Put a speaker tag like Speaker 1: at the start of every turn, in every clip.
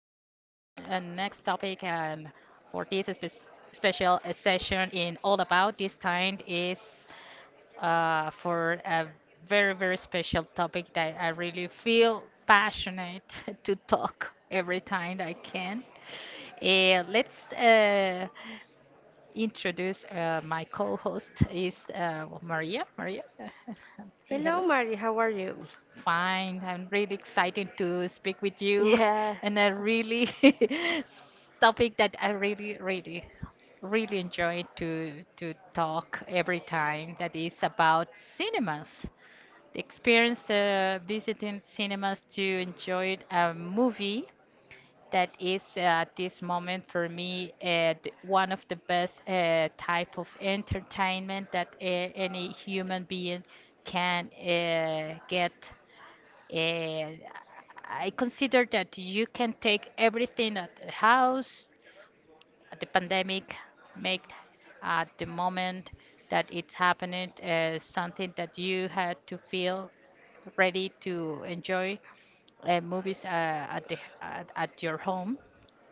Speaker 1: and for this special session in All About. This time is for a very, very special topic that I really feel passionate to talk every time I can. Let's introduce my co-host is Maria. Maria, say hello.
Speaker 2: Hello, Mari. How are you?
Speaker 1: Fine. I'm really excited to speak with you
Speaker 2: Yeah.
Speaker 1: and a really topic that I really, really, really enjoy to talk every time. That is about cinemas. The experience visiting cinemas to enjoy a movie that is at this moment for me one of the best type of entertainment that any human being can get. Eh, I consider that you can take everything at the house. The pandemic made at the moment that it's happening something that you had to feel ready to enjoy movies at your home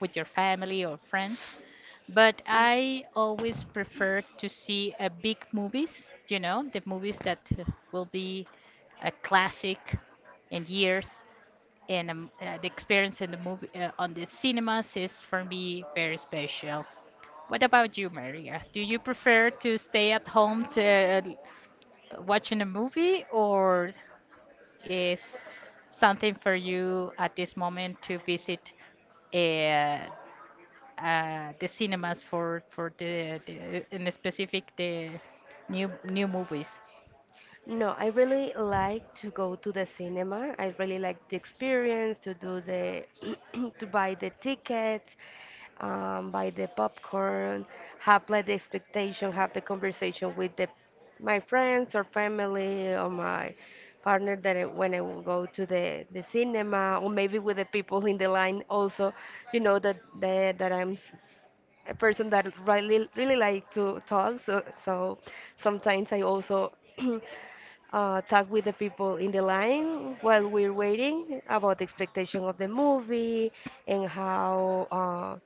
Speaker 1: with your family or friends, but I always prefer to see big movies, you know, the movies that will be a classic in years. And the experience in the movie on the cinemas is for me very special. What about you, Maria? Do you prefer to stay at home to watching a movie, or is something for you at this moment to visit uh, the cinemas for the in specific the new movies?
Speaker 2: No, I really like to go to the cinema. I really like the experience to do the to buy the tickets, buy the popcorn, have like the expectation, have the conversation with the my friends or family or my partner that I, when I will go to the cinema or maybe with the people in the line also, you know that I'm s- a person that really like to talk so sometimes I also talk with the people in the line while we're waiting about the expectation of the movie and how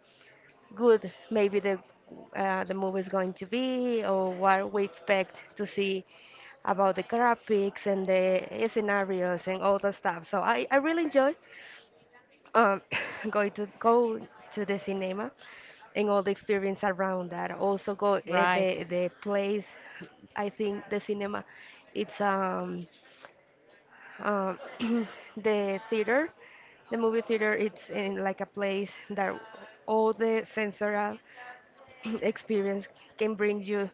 Speaker 2: good maybe the movie is going to be or what we expect to see about the graphics and the scenarios and all the stuff. So I really enjoy um, going to go to the cinema and all the experience around that. Also go
Speaker 1: Right.
Speaker 2: the place. I think the cinema, it's um the theater the movie theater it's in like a place that all the sensory experience can bring you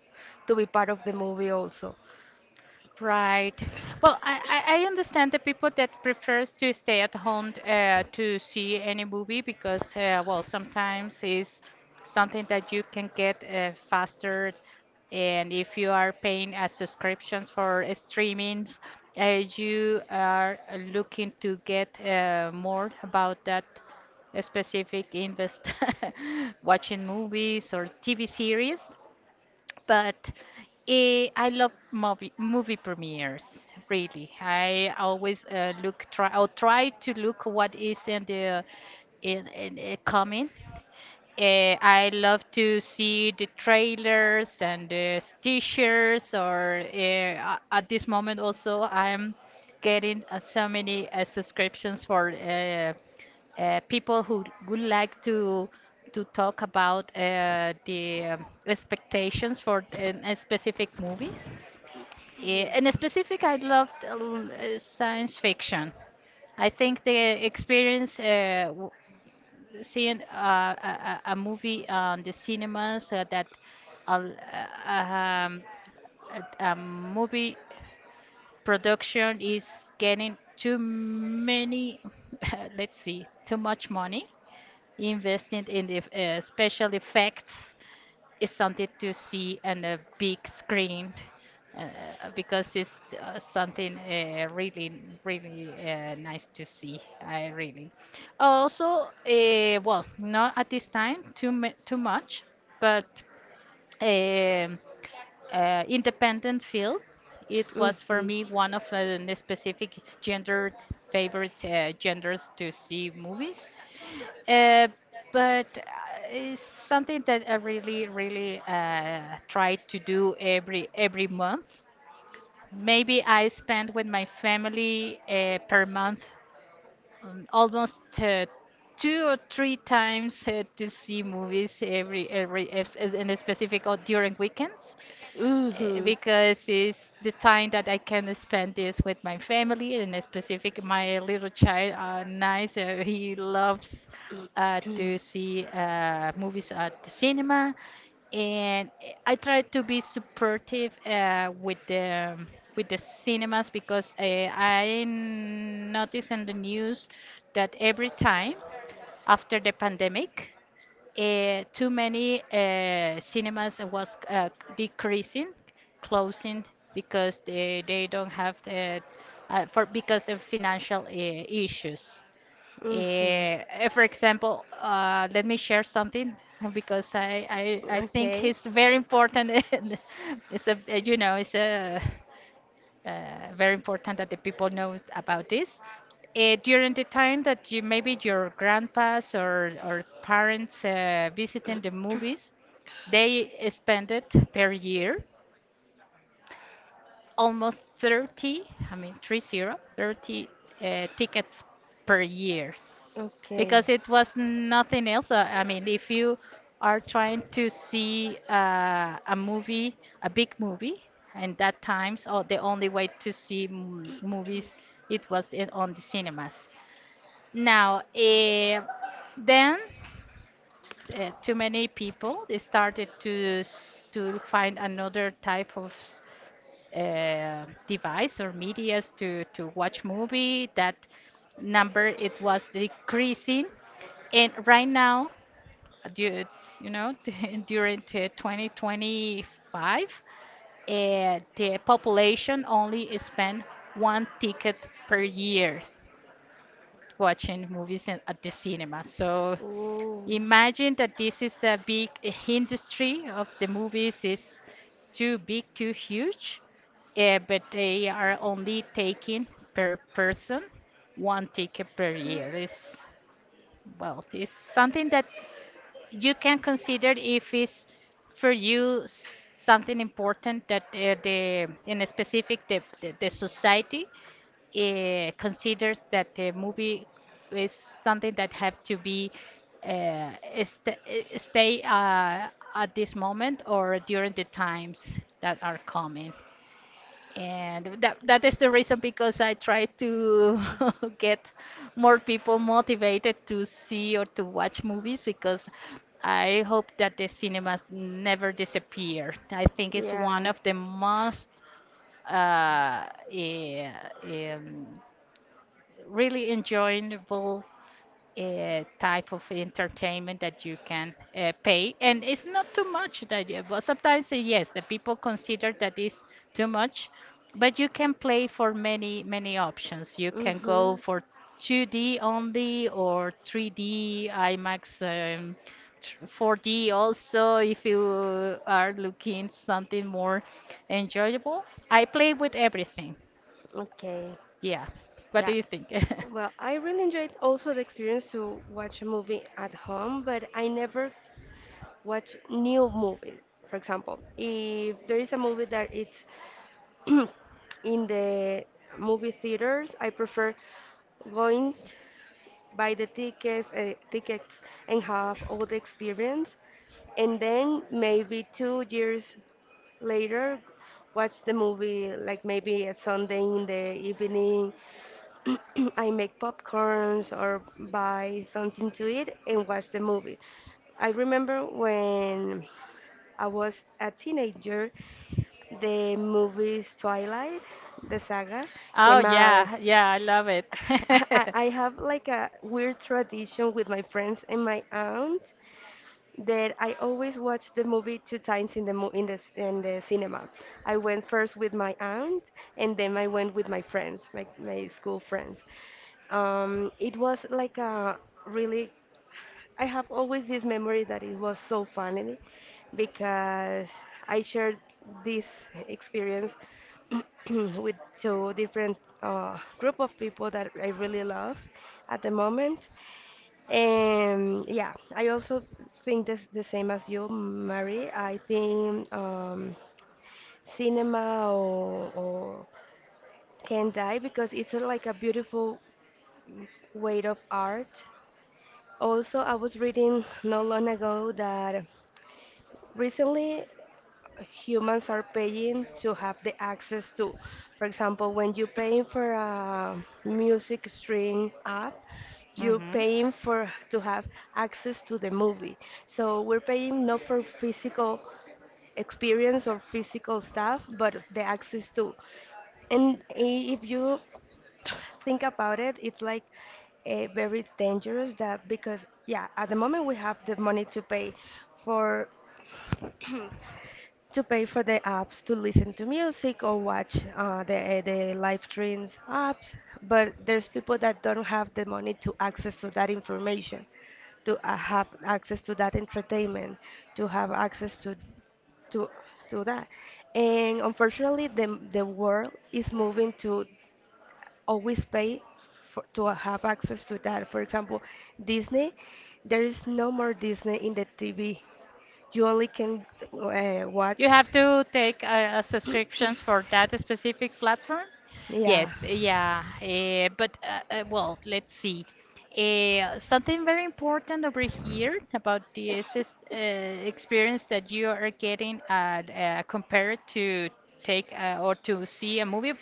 Speaker 2: to be part of the movie also.
Speaker 1: Right. Well, I understand the people that prefers to stay at home to see any movie, because well, sometimes it's something that you can get faster, and if you are paying as subscriptions for streamings, you are looking to get more about that specific invest watching movies or TV series. But I love movie premieres. Really, I always look try or try to look what is in the coming. I love to see the trailers and the t-shirts. Or at this moment also, I'm getting so many subscriptions for. People who would like to talk about the expectations for specific movies. In specific, I loved science fiction. I think the experience seeing a movie on the cinemas that a, l- a- um, a movie production is getting too many, let's see, too much money investing in the special effects, is something to see on a big screen, uh, because it's something really, really nice to see. I really. Also, well, not at this time too much, but um independent field. It was for
Speaker 2: Hmm.
Speaker 1: me one of the specific gendered favorite genders to see movies. Uh, but it's something that I really, really try to do every month. Maybe I spend with my family per month almost two or three times to see movies every if, as in a specific or during weekends,
Speaker 2: Hmm.
Speaker 1: because it's the time that I can spend this with my family. And in specific, my little child are nice. He loves to see movies at the cinema, and I try to be supportive with the cinemas, because I notice in the news that every time after the pandemic too many cinemas was decreasing, closing, because they don't have the for because of financial issues.
Speaker 2: Mhm.
Speaker 1: For example, let me share something because I think
Speaker 2: Okay.
Speaker 1: it's very important. And it's you know, it's a very important that the people knows about this. During the time that you maybe your grandpas or parents visiting the movies, they spend it per year almost 30, I mean 30, 30 tickets per year,
Speaker 2: Okay.
Speaker 1: because it was nothing else. I mean, if you are trying to see a movie, a big movie, and that times, or the only way to see movies, it was on the cinemas. Now, then too many people, they started to find another type of device or medias to watch movie, that number it was decreasing. And right now due, you know, during to 2025, the population only spend one ticket per year watching movies at the cinema. So
Speaker 2: Oh.
Speaker 1: imagine that this is a big industry of the movies, is too big, too huge, but they are only taking per person one ticket per year. It's, well, it's something that you can consider if it's for you something important, that the in a specific the society considers that the movie is something that have to be uh, st- stay at this moment or during the times that are coming. And that is the reason because I try to get more people motivated to see or to watch movies, because I hope that the cinemas never disappear. I think it's one
Speaker 2: Yeah.
Speaker 1: of the most uh, eh, um, really enjoyable type of entertainment that you can pay, and it's not too much that you, but sometimes yes, the people consider that is too much. But you can play for many many options. You can go
Speaker 2: Mhm.
Speaker 1: for 2D only or 3D imax, 4D also, if you are looking something more enjoyable. I play with everything,
Speaker 2: Okay.
Speaker 1: yeah. What do
Speaker 2: Yeah.
Speaker 1: you think?
Speaker 2: Well, I really enjoyed also the experience to watch a movie at home, but I never watch new movies. For example, if there is a movie that it's in the movie theaters. I prefer going buy the tickets, tickets and have all the experience, and then maybe 2 years later watch the movie like maybe a Sunday in the evening. I make popcorns or buy something to eat and watch the movie. I remember when I was a teenager, the movies Twilight, the saga,
Speaker 1: Oh
Speaker 2: came out.
Speaker 1: yeah, yeah, I love it.
Speaker 2: I, I have like a weird tradition with my friends and my aunt that I always watch the movie two times in the mo- in the cinema. I went first with my aunt and then I went with my friends, my school friends. It was like a really I have always this memory that it was so funny because I shared this experience with two different group of people that I really love at the moment. And yeah, I also think this the same as you, Mary. I think cinema or can die because it's a, like a beautiful way of art. Also, I was reading not long ago that recently, humans are paying to have the access to. For example, when you're paying for a music stream app, you're
Speaker 1: Mhm.
Speaker 2: paying for to have access to the movie. So we're paying not for physical experience or physical stuff, but the access to. And I- if you think about it, it's like very dangerous that because yeah, at the moment we have the money to pay for to pay for the apps to listen to music or watch the live streams apps, but there's people that don't have the money to access to that information, to have access to that entertainment, to have access to to to that, and unfortunately the world is moving to always pay for, to have access to that. For example, Disney, there is no more Disney in the TV. You only can watch.
Speaker 1: You have to take subscriptions for that specific platform?
Speaker 2: Yeah.
Speaker 1: Yes, yeah. But well, let's see. Something very important over here about this is, experience that you are getting at, compared to take or to see a movie,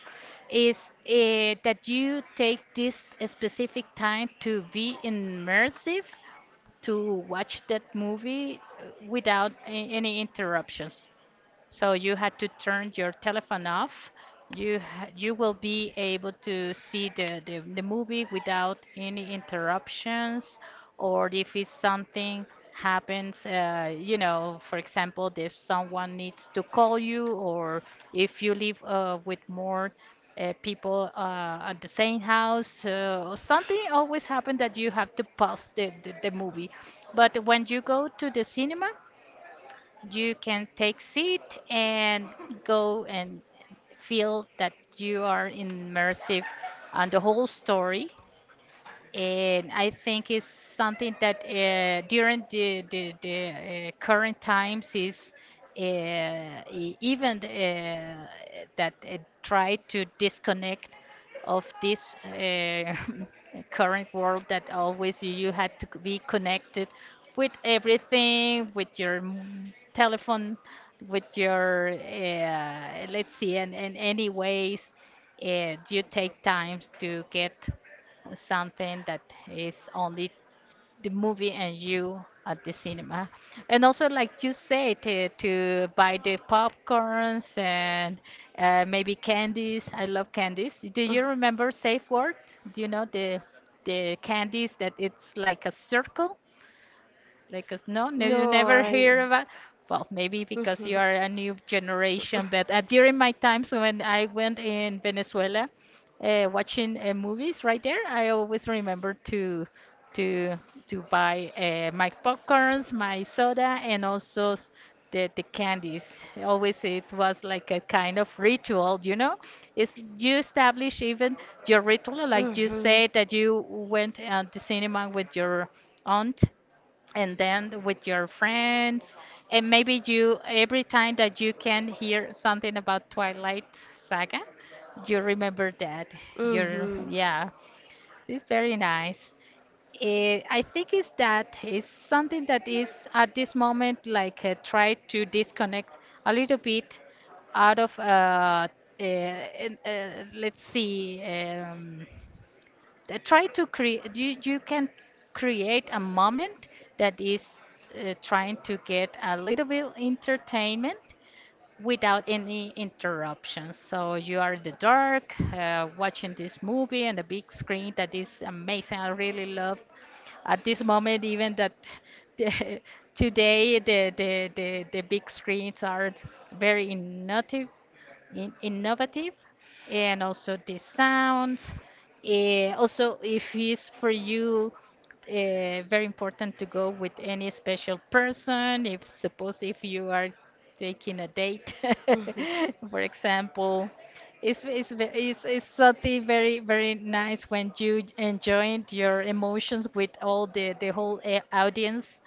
Speaker 1: is that you take this specific time to be immersive to watch that movie without any interruptions. So you had to turn your telephone off. You will be able to see the movie without any interruptions, or if it's something happens, you know, for example, if someone needs to call you, or if you live with more people at the same house, something always happens that you have to pause the movie. But when you go to the cinema, you can take seat and go and feel that you are immersive on the whole story. And I think it's something that during the current times is uh, even that try to disconnect of this current world, that always you had to be connected with everything, with your telephone, with your let's see, and anyways, you take times to get something that is only the movie and you at the cinema. And also, like you said, to buy the popcorns and maybe candies. I love candies. Do
Speaker 2: Mm.
Speaker 1: you remember Safe Word? Do you know the candies that it's like a circle? Like, 'cause no, no, you
Speaker 2: No,
Speaker 1: never
Speaker 2: I.
Speaker 1: hear about. Well, maybe because you are a new generation, but during my times when I went in Venezuela, watching movies right there, I always remember to to buy my popcorns, my soda, and also the candies. Always it was like a kind of ritual, you know. It's you establish even your ritual, like you said that you went at the cinema with your aunt and then with your friends. And maybe you every time that you can hear something about twilight saga, you remember that. You're, yeah, it's very nice. I think is that is something that is at this moment like try to disconnect a little bit out of uh, let's see, try to create, you can create a moment that is trying to get a little bit entertainment without any interruptions. So you are in the dark watching this movie on the big screen, that is amazing. I really love, at this moment, even that the, today the the big screens are very innovative, innovative, and also the sound. Also, if it's for you very important to go with any special person, if suppose if you are taking a date, for example, it's something very very nice when you enjoy your emotions with all the whole audience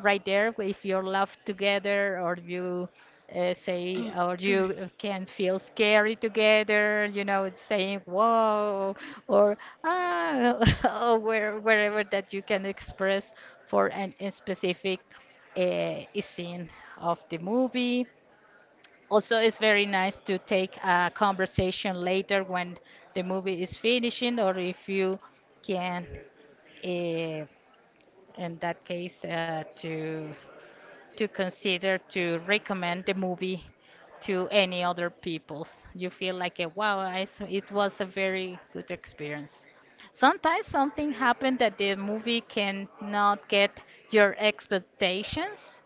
Speaker 1: right there. If you're loved together, or you say, or you can feel scary together, you know, it's saying whoa or ah, or wherever that you can express for an a specific scene of the movie. Also it's very nice to take a conversation later when the movie is finishing, or if you can uh, in that case to consider to recommend the movie to any other peoples. You feel like, a, wow, it was a very good experience. Sometimes something happened that the movie cannot get your expectations.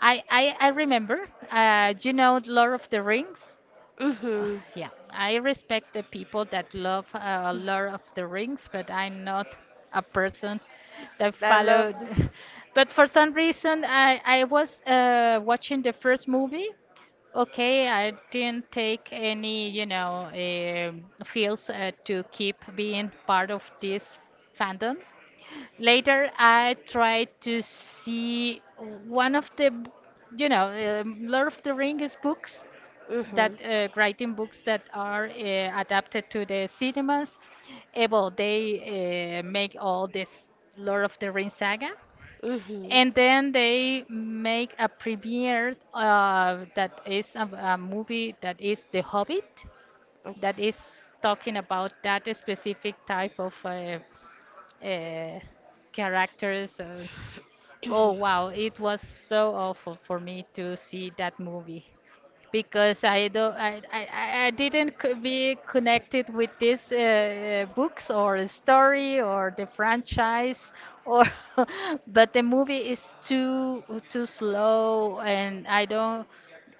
Speaker 1: I remember, Lord of the Rings?
Speaker 2: Mhm. I
Speaker 1: Uh,
Speaker 2: met.
Speaker 1: yeah, I respect the people that love a lot of the rings, but I'm not a person that followed. But for some reason, I was watching the first movie. Okay, I didn't take any, you know, feels to keep being part of this fandom. Later I tried to see one of the. Lord of the Ring is books, that
Speaker 2: Mhm.
Speaker 1: writing books that are adapted to the cinemas. Well, they make all this Lord of the Ring saga.
Speaker 2: Mhm. And
Speaker 1: And
Speaker 2: the.
Speaker 1: then they make a premiere that is a movie, that is The Hobbit, that is talking about that specific type of uh, characters. Oh wow, it was so awful for me to see that movie, because I don't, I didn't be connected with these books or story or the franchise or but the movie is too slow, and I don't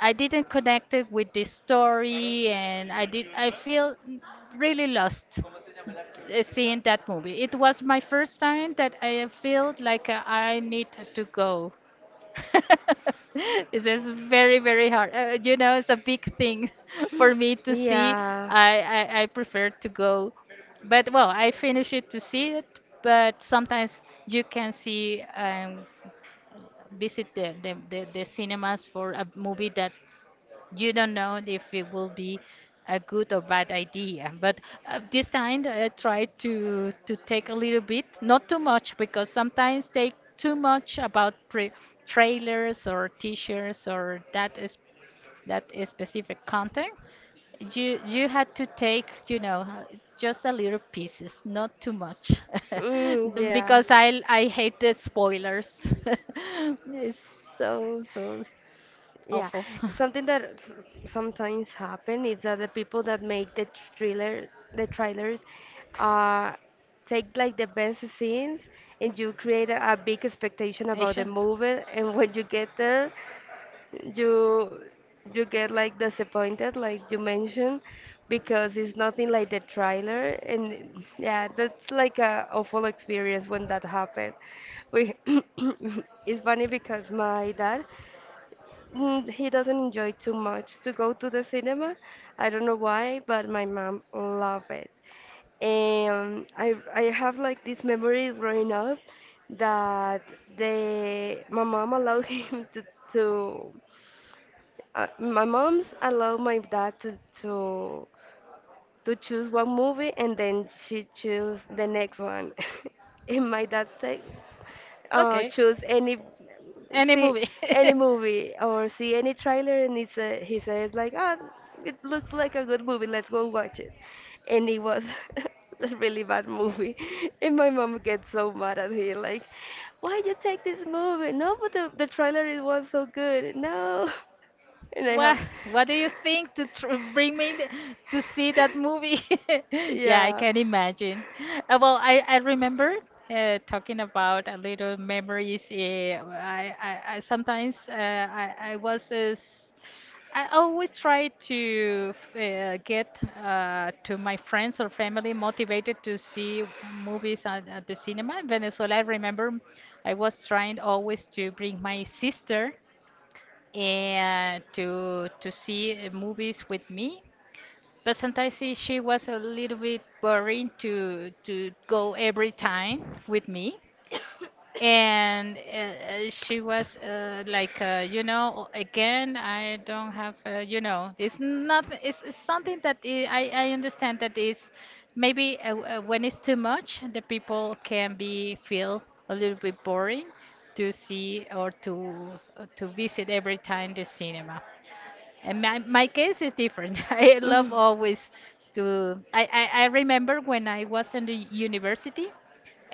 Speaker 1: I didn't connect it with the story, and I feel really lost seeing that movie. It was my first time that I felt like I need to go. It is very, very hard. You know, it's a big thing for me to see.
Speaker 2: Yeah.
Speaker 1: I prefer to go. But, well, I finish it to see it, but sometimes you can see and visit the cinemas for a movie that you don't know if it will be a good or bad idea. But this time I tried to take a little bit, not too much, because sometimes they too much about pre trailers or t-shirts or that is specific content. You had to take, you know, just a little pieces, not too much,
Speaker 2: Mm. Mm, yeah.
Speaker 1: because I hate the spoilers. It's so
Speaker 2: Yeah,
Speaker 1: awful.
Speaker 2: something that s- sometimes happen is that the people that make the thrillers, the trailers, uh, take like the best scenes, and you create a big expectation about the
Speaker 1: Asian.
Speaker 2: movie. And when you get there, you you get like disappointed, like you mentioned, because it's nothing like the trailer. And yeah, that's like a awful experience when that happened. We it's funny because my dad. Mm, he doesn't enjoy too much to go to the cinema. I don't know why, but my mom loved it. And I have like this memory growing up that the my mom allowed him to my mom's allowed my dad to choose one movie and then she choose the next one. And my dad said,
Speaker 1: Okay.
Speaker 2: choose any
Speaker 1: Any
Speaker 2: see
Speaker 1: movie.
Speaker 2: any movie or see any trailer and he say, he says like ah it looks like a good movie let's go watch it and it was a really bad movie and my mom gets so mad at me like why you take this movie no but the trailer it was so good no and I
Speaker 1: What
Speaker 2: have
Speaker 1: What do you think to tr bring me th- to see that movie? Yeah, I
Speaker 2: yeah.
Speaker 1: can imagine. Well, I remember talking about a little memories. I sometimes I was this. I always try to get to my friends or family motivated to see movies at the cinema in Venezuela. I remember I was trying always to bring my sister and to see movies with me. But sometimes she was a little bit boring to go every time with me. And she was like, again, I don't have, it's not, it's, something that I understand that is maybe when it's too much, the people can be feel a little bit boring to see or to visit every time the cinema. And my case is different. I love always to. I remember when I was in the university,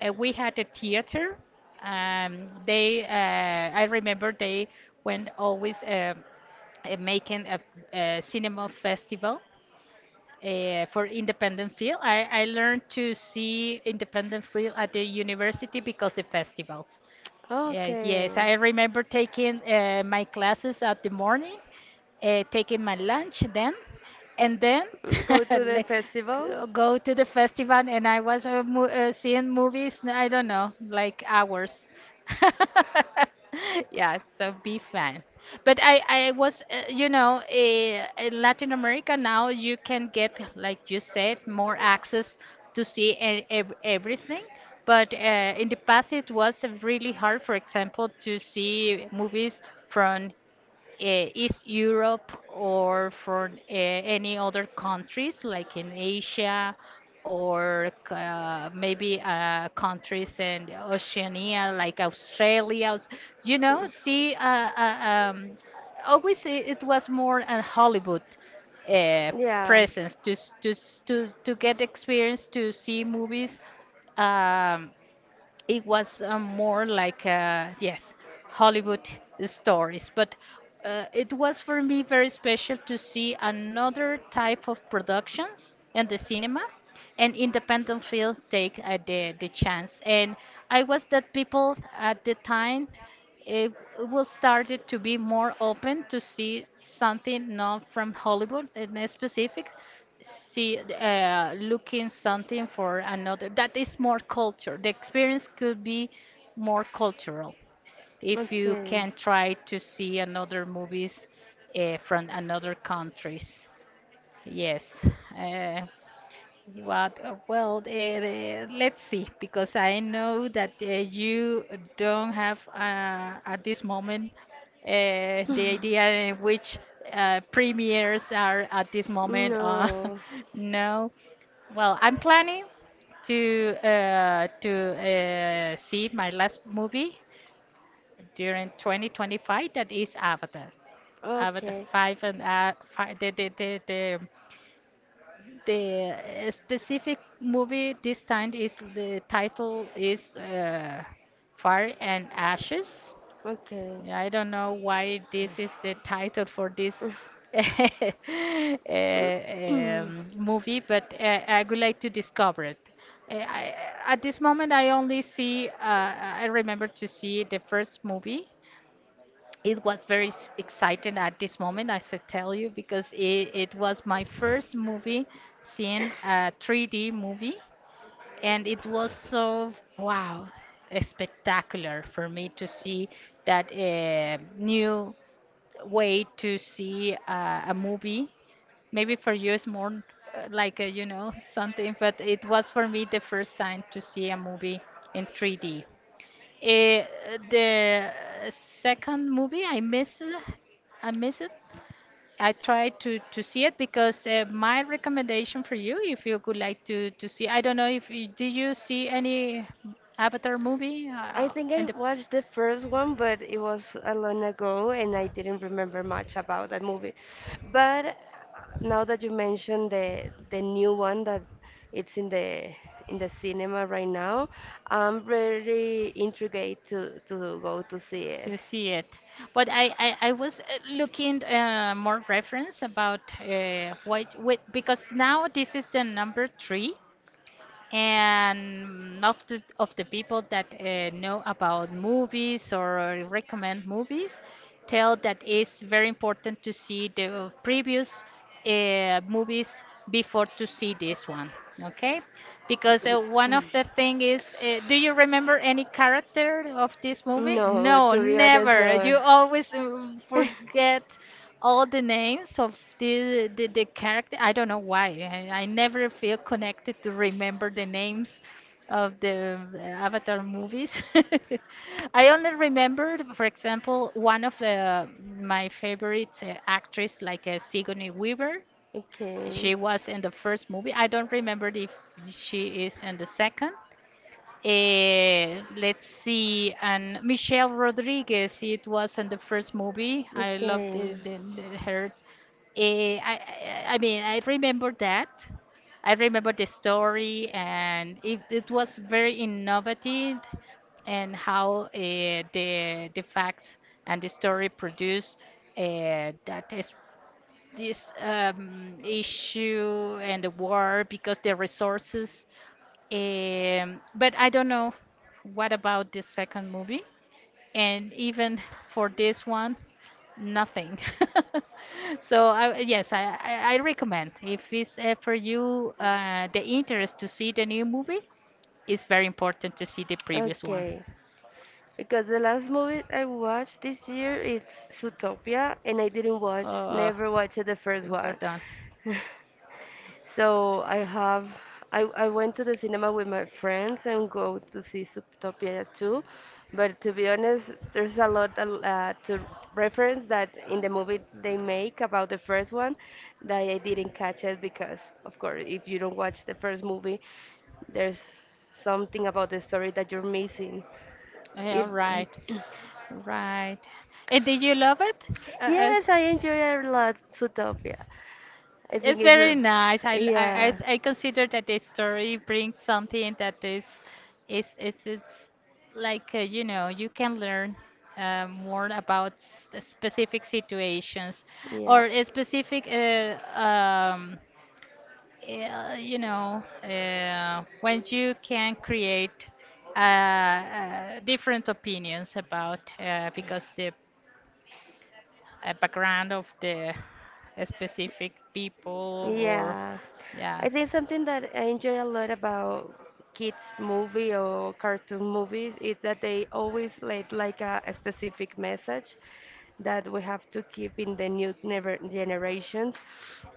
Speaker 1: we had a theater. They, I remember they went always making a cinema festival for independent film. I learned to see independent film at the university because the festivals. Yes, yes.
Speaker 2: Mm.
Speaker 1: I remember taking my classes at the morning, taking my lunch then, and then
Speaker 2: Go to the festival.
Speaker 1: go to the festival. And I was mo seeing movies, I don't know, like hours. Yeah, so be fun. But I was, in Latin America now you can get, like you said, more access to see e- ev everything. But in the past, it was really hard, for example, to see movies from East Europe or from any other countries like in Asia or maybe countries in Oceania like Australia, you know, see, uh, um, always it was more a Hollywood uh,
Speaker 2: Yeah.
Speaker 1: presence to, to, to get experience to see movies. Um, it was more like yes, Hollywood stories, but it was for me very special to see another type of productions in the cinema. And independent films take the chance, and I was that people at the time, it it was started to be more open to see something not from Hollywood in a specific, see looking something for another that is more culture. The experience could be more cultural if you
Speaker 2: Okay.
Speaker 1: can try to see another movies from another countries. Yes, uh, what? Well, let's see, because I know that you don't have at this moment the idea in which premieres are at this moment.
Speaker 2: No.
Speaker 1: No. Well, I'm planning to see my last movie during 2025. That is Avatar. Avatar
Speaker 2: Okay.
Speaker 1: 5, and five, the specific movie this time, is the title is Fire and Ashes.
Speaker 2: Okay.
Speaker 1: Yeah, I don't know why this is the title for this movie, but I would like to discover it. Uh, I, at this moment, I only see, I remember to see the first movie. It was very exciting at this moment, I should tell you, because it was my first movie seeing a 3D movie, and it was so wow, spectacular for me to see that new way to see a movie. Maybe for you it's more like a, you know, something, but it was for me the first time to see a movie in 3D. Eh, the second movie I miss it. I miss it. I tried to see it, because my recommendation for you, if you would like to see, I don't know if you, did you see any Avatar movie
Speaker 2: I think I
Speaker 1: and the
Speaker 2: watched the first one, but it was a long ago and I didn't remember much about that movie. But now that you mentioned the new one that it's in the cinema right now, I'm really intrigued to go to see it.
Speaker 1: to see it. But I was looking more reference about what because now this is the number three, and most of the people that know about movies or recommend movies tell that it's very important to see the previous movies before to see this one, okay? Because one of the thing is, do you remember any character of this movie?
Speaker 2: No,
Speaker 1: No,
Speaker 2: to be honest,
Speaker 1: never,
Speaker 2: no.
Speaker 1: you always forget all the names of the character. I don't know why. I never feel connected to remember the names of the Avatar movies. I only remembered, for example, one of the, my favorite actress, like Sigourney Weaver. She
Speaker 2: Okay.
Speaker 1: was in the first movie. I don't remember if she is in the second, let's see, and Michelle Rodriguez. It was in the first movie. I loved
Speaker 2: Okay.
Speaker 1: her. Eh, I, I mean, I remember that. I remember the story, and it was very innovative, and how the facts and the story produced that is this issue and the war because the resources. But I don't know what about this second movie, and even for this one, nothing. So I, yes, I recommend, if it's for you the interest to see the new movie, it's very important to see the
Speaker 2: This one.
Speaker 1: previous one.
Speaker 2: Okay, because the last movie I watched this year it's Zootopia, and I didn't watch,
Speaker 1: Uh,
Speaker 2: never watched the first
Speaker 1: we're
Speaker 2: one.
Speaker 1: done.
Speaker 2: So I have I went to the cinema with my friends and go to see Subtopia too, but to be honest, there's a lot to reference that in the movie they make about the first one that I didn't catch it because of course if you don't watch the first movie, there's something about the story that you're missing.
Speaker 1: Yeah,
Speaker 2: If
Speaker 1: right, right. And did you love it? Uh, uh,
Speaker 2: yes, I enjoy a lot Zootopia. I
Speaker 1: it's
Speaker 2: think
Speaker 1: very
Speaker 2: it's
Speaker 1: nice. I,
Speaker 2: a,
Speaker 1: l-
Speaker 2: yeah.
Speaker 1: I consider that the story brings something that is it's like you know, you can learn more about specific situations
Speaker 2: Yeah.
Speaker 1: or a specific when you can create different opinions about because the background of the specific people or
Speaker 2: Yeah.
Speaker 1: yeah.
Speaker 2: I think something that I enjoy a lot about kids movie or cartoon movies is that they always let like a specific message that we have to keep in the new never generations.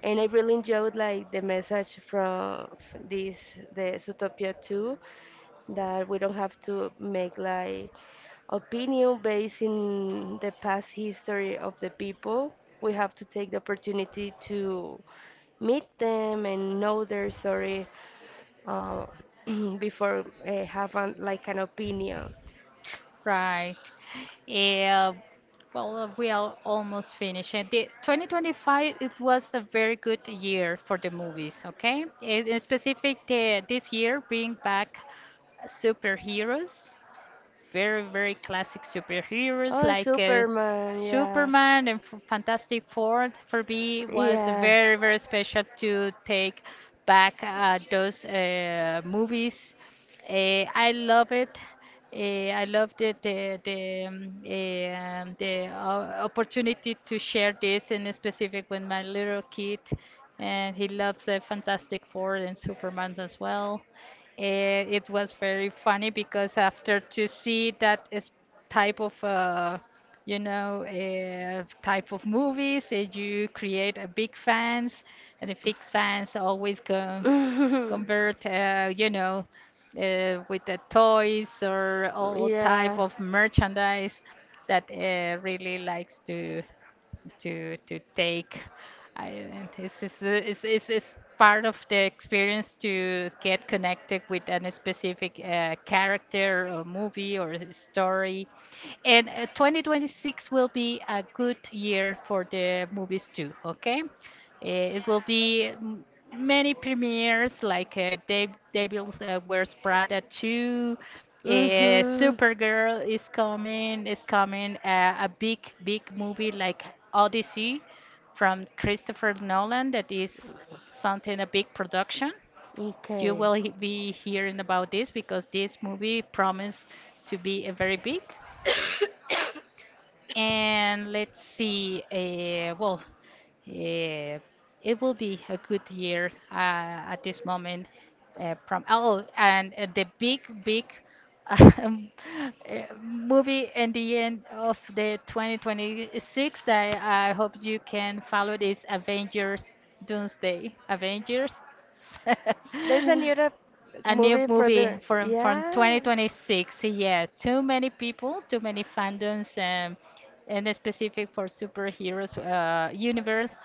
Speaker 2: And I really enjoyed like the message from this the Zootopia 2 that we don't have to make like opinion based in the past history of the people. We have to take the opportunity to meet them and know their story uh, before I have an, like an opinion.
Speaker 1: Right. Yeah. Well, we are almost finished. And the 2025, it was a very good year for the movies, okay? In specific, the, this year bring back superheroes, very, very classic superheroes
Speaker 2: Oh,
Speaker 1: like
Speaker 2: Superman, yeah.
Speaker 1: Superman and Fantastic Four, for me was
Speaker 2: Yeah.
Speaker 1: very, very special to take back those movies. I love it. Uh, I love the opportunity to share this in specific with my little kid, and he loves the Fantastic Four and Superman as well. It was very funny because after to see that is type of type of movies. You create a big fans, and the big fans always go
Speaker 2: Uh,
Speaker 1: convert, with the toys or all type
Speaker 2: yeah.
Speaker 1: of merchandise that really likes to take. I It's part of the experience to get connected with a specific character or movie or a story. And 2026 will be a good year for the movies too, okay? It will be many premieres like Dave Devils Wears Prada 2, uh,
Speaker 2: Mhm.
Speaker 1: Supergirl is coming a big, big movie like Odyssey from Christopher Nolan, that is something a big production. You
Speaker 2: Okay.
Speaker 1: will be hearing about this, because this movie promised to be a very big. And let's see, well, uh, it will be a good year at this moment. From oh, and the big, big um, movie in the end of the 2026 that I hope you can follow is Avengers Doomsday. Avengers.
Speaker 2: There's a new
Speaker 1: A new
Speaker 2: movie for
Speaker 1: movie
Speaker 2: the
Speaker 1: from 2026. Yeah,
Speaker 2: yeah.
Speaker 1: too many people, too many
Speaker 2: There
Speaker 1: fandoms,
Speaker 2: was a
Speaker 1: and specific for superheroes universe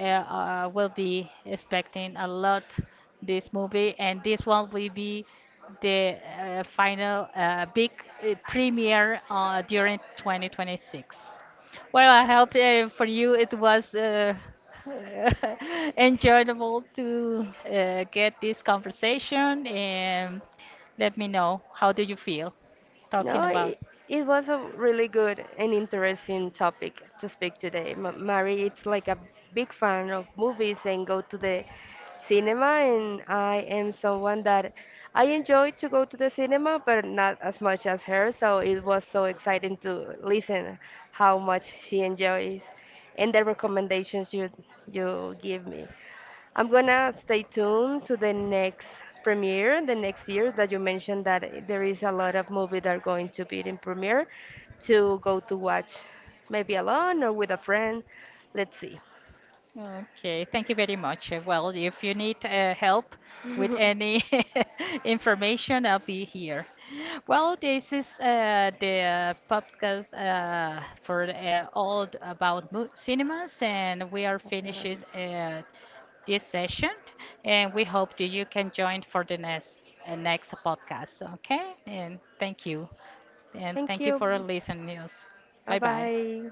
Speaker 1: will be expecting a lot this movie, and this one will be the final
Speaker 2: big
Speaker 1: big
Speaker 2: year
Speaker 1: premiere during
Speaker 2: during
Speaker 1: 2026. Well, I hope for you it was
Speaker 2: 2020.
Speaker 1: enjoyable to get this conversation, and let me know how do you feel talking
Speaker 2: No,
Speaker 1: about.
Speaker 2: it was a really good and interesting topic to speak today. M- Mary, it's like a big fan of movies and go to the cinema, and I am someone that I enjoy to go to the cinema, but not as much as her. So it was so exciting to listen how much she enjoys and the recommendations you give me. I'm gonna stay tuned to the next premiere, the next year that you mentioned that I- there is a lot of movies that are going to be in premiere to go to watch, maybe alone or with a friend. Let's see.
Speaker 1: Okay, thank you very much. Well, if you need help with any information, I'll be here. Well, this is the podcast for all about mo cinemas, and we are finishing this session. And we hope that you can join for the next podcast. Okay, and
Speaker 2: Thank
Speaker 1: thank you for
Speaker 2: you.
Speaker 1: listening us.
Speaker 2: Bye
Speaker 1: Bye bye.
Speaker 2: bye.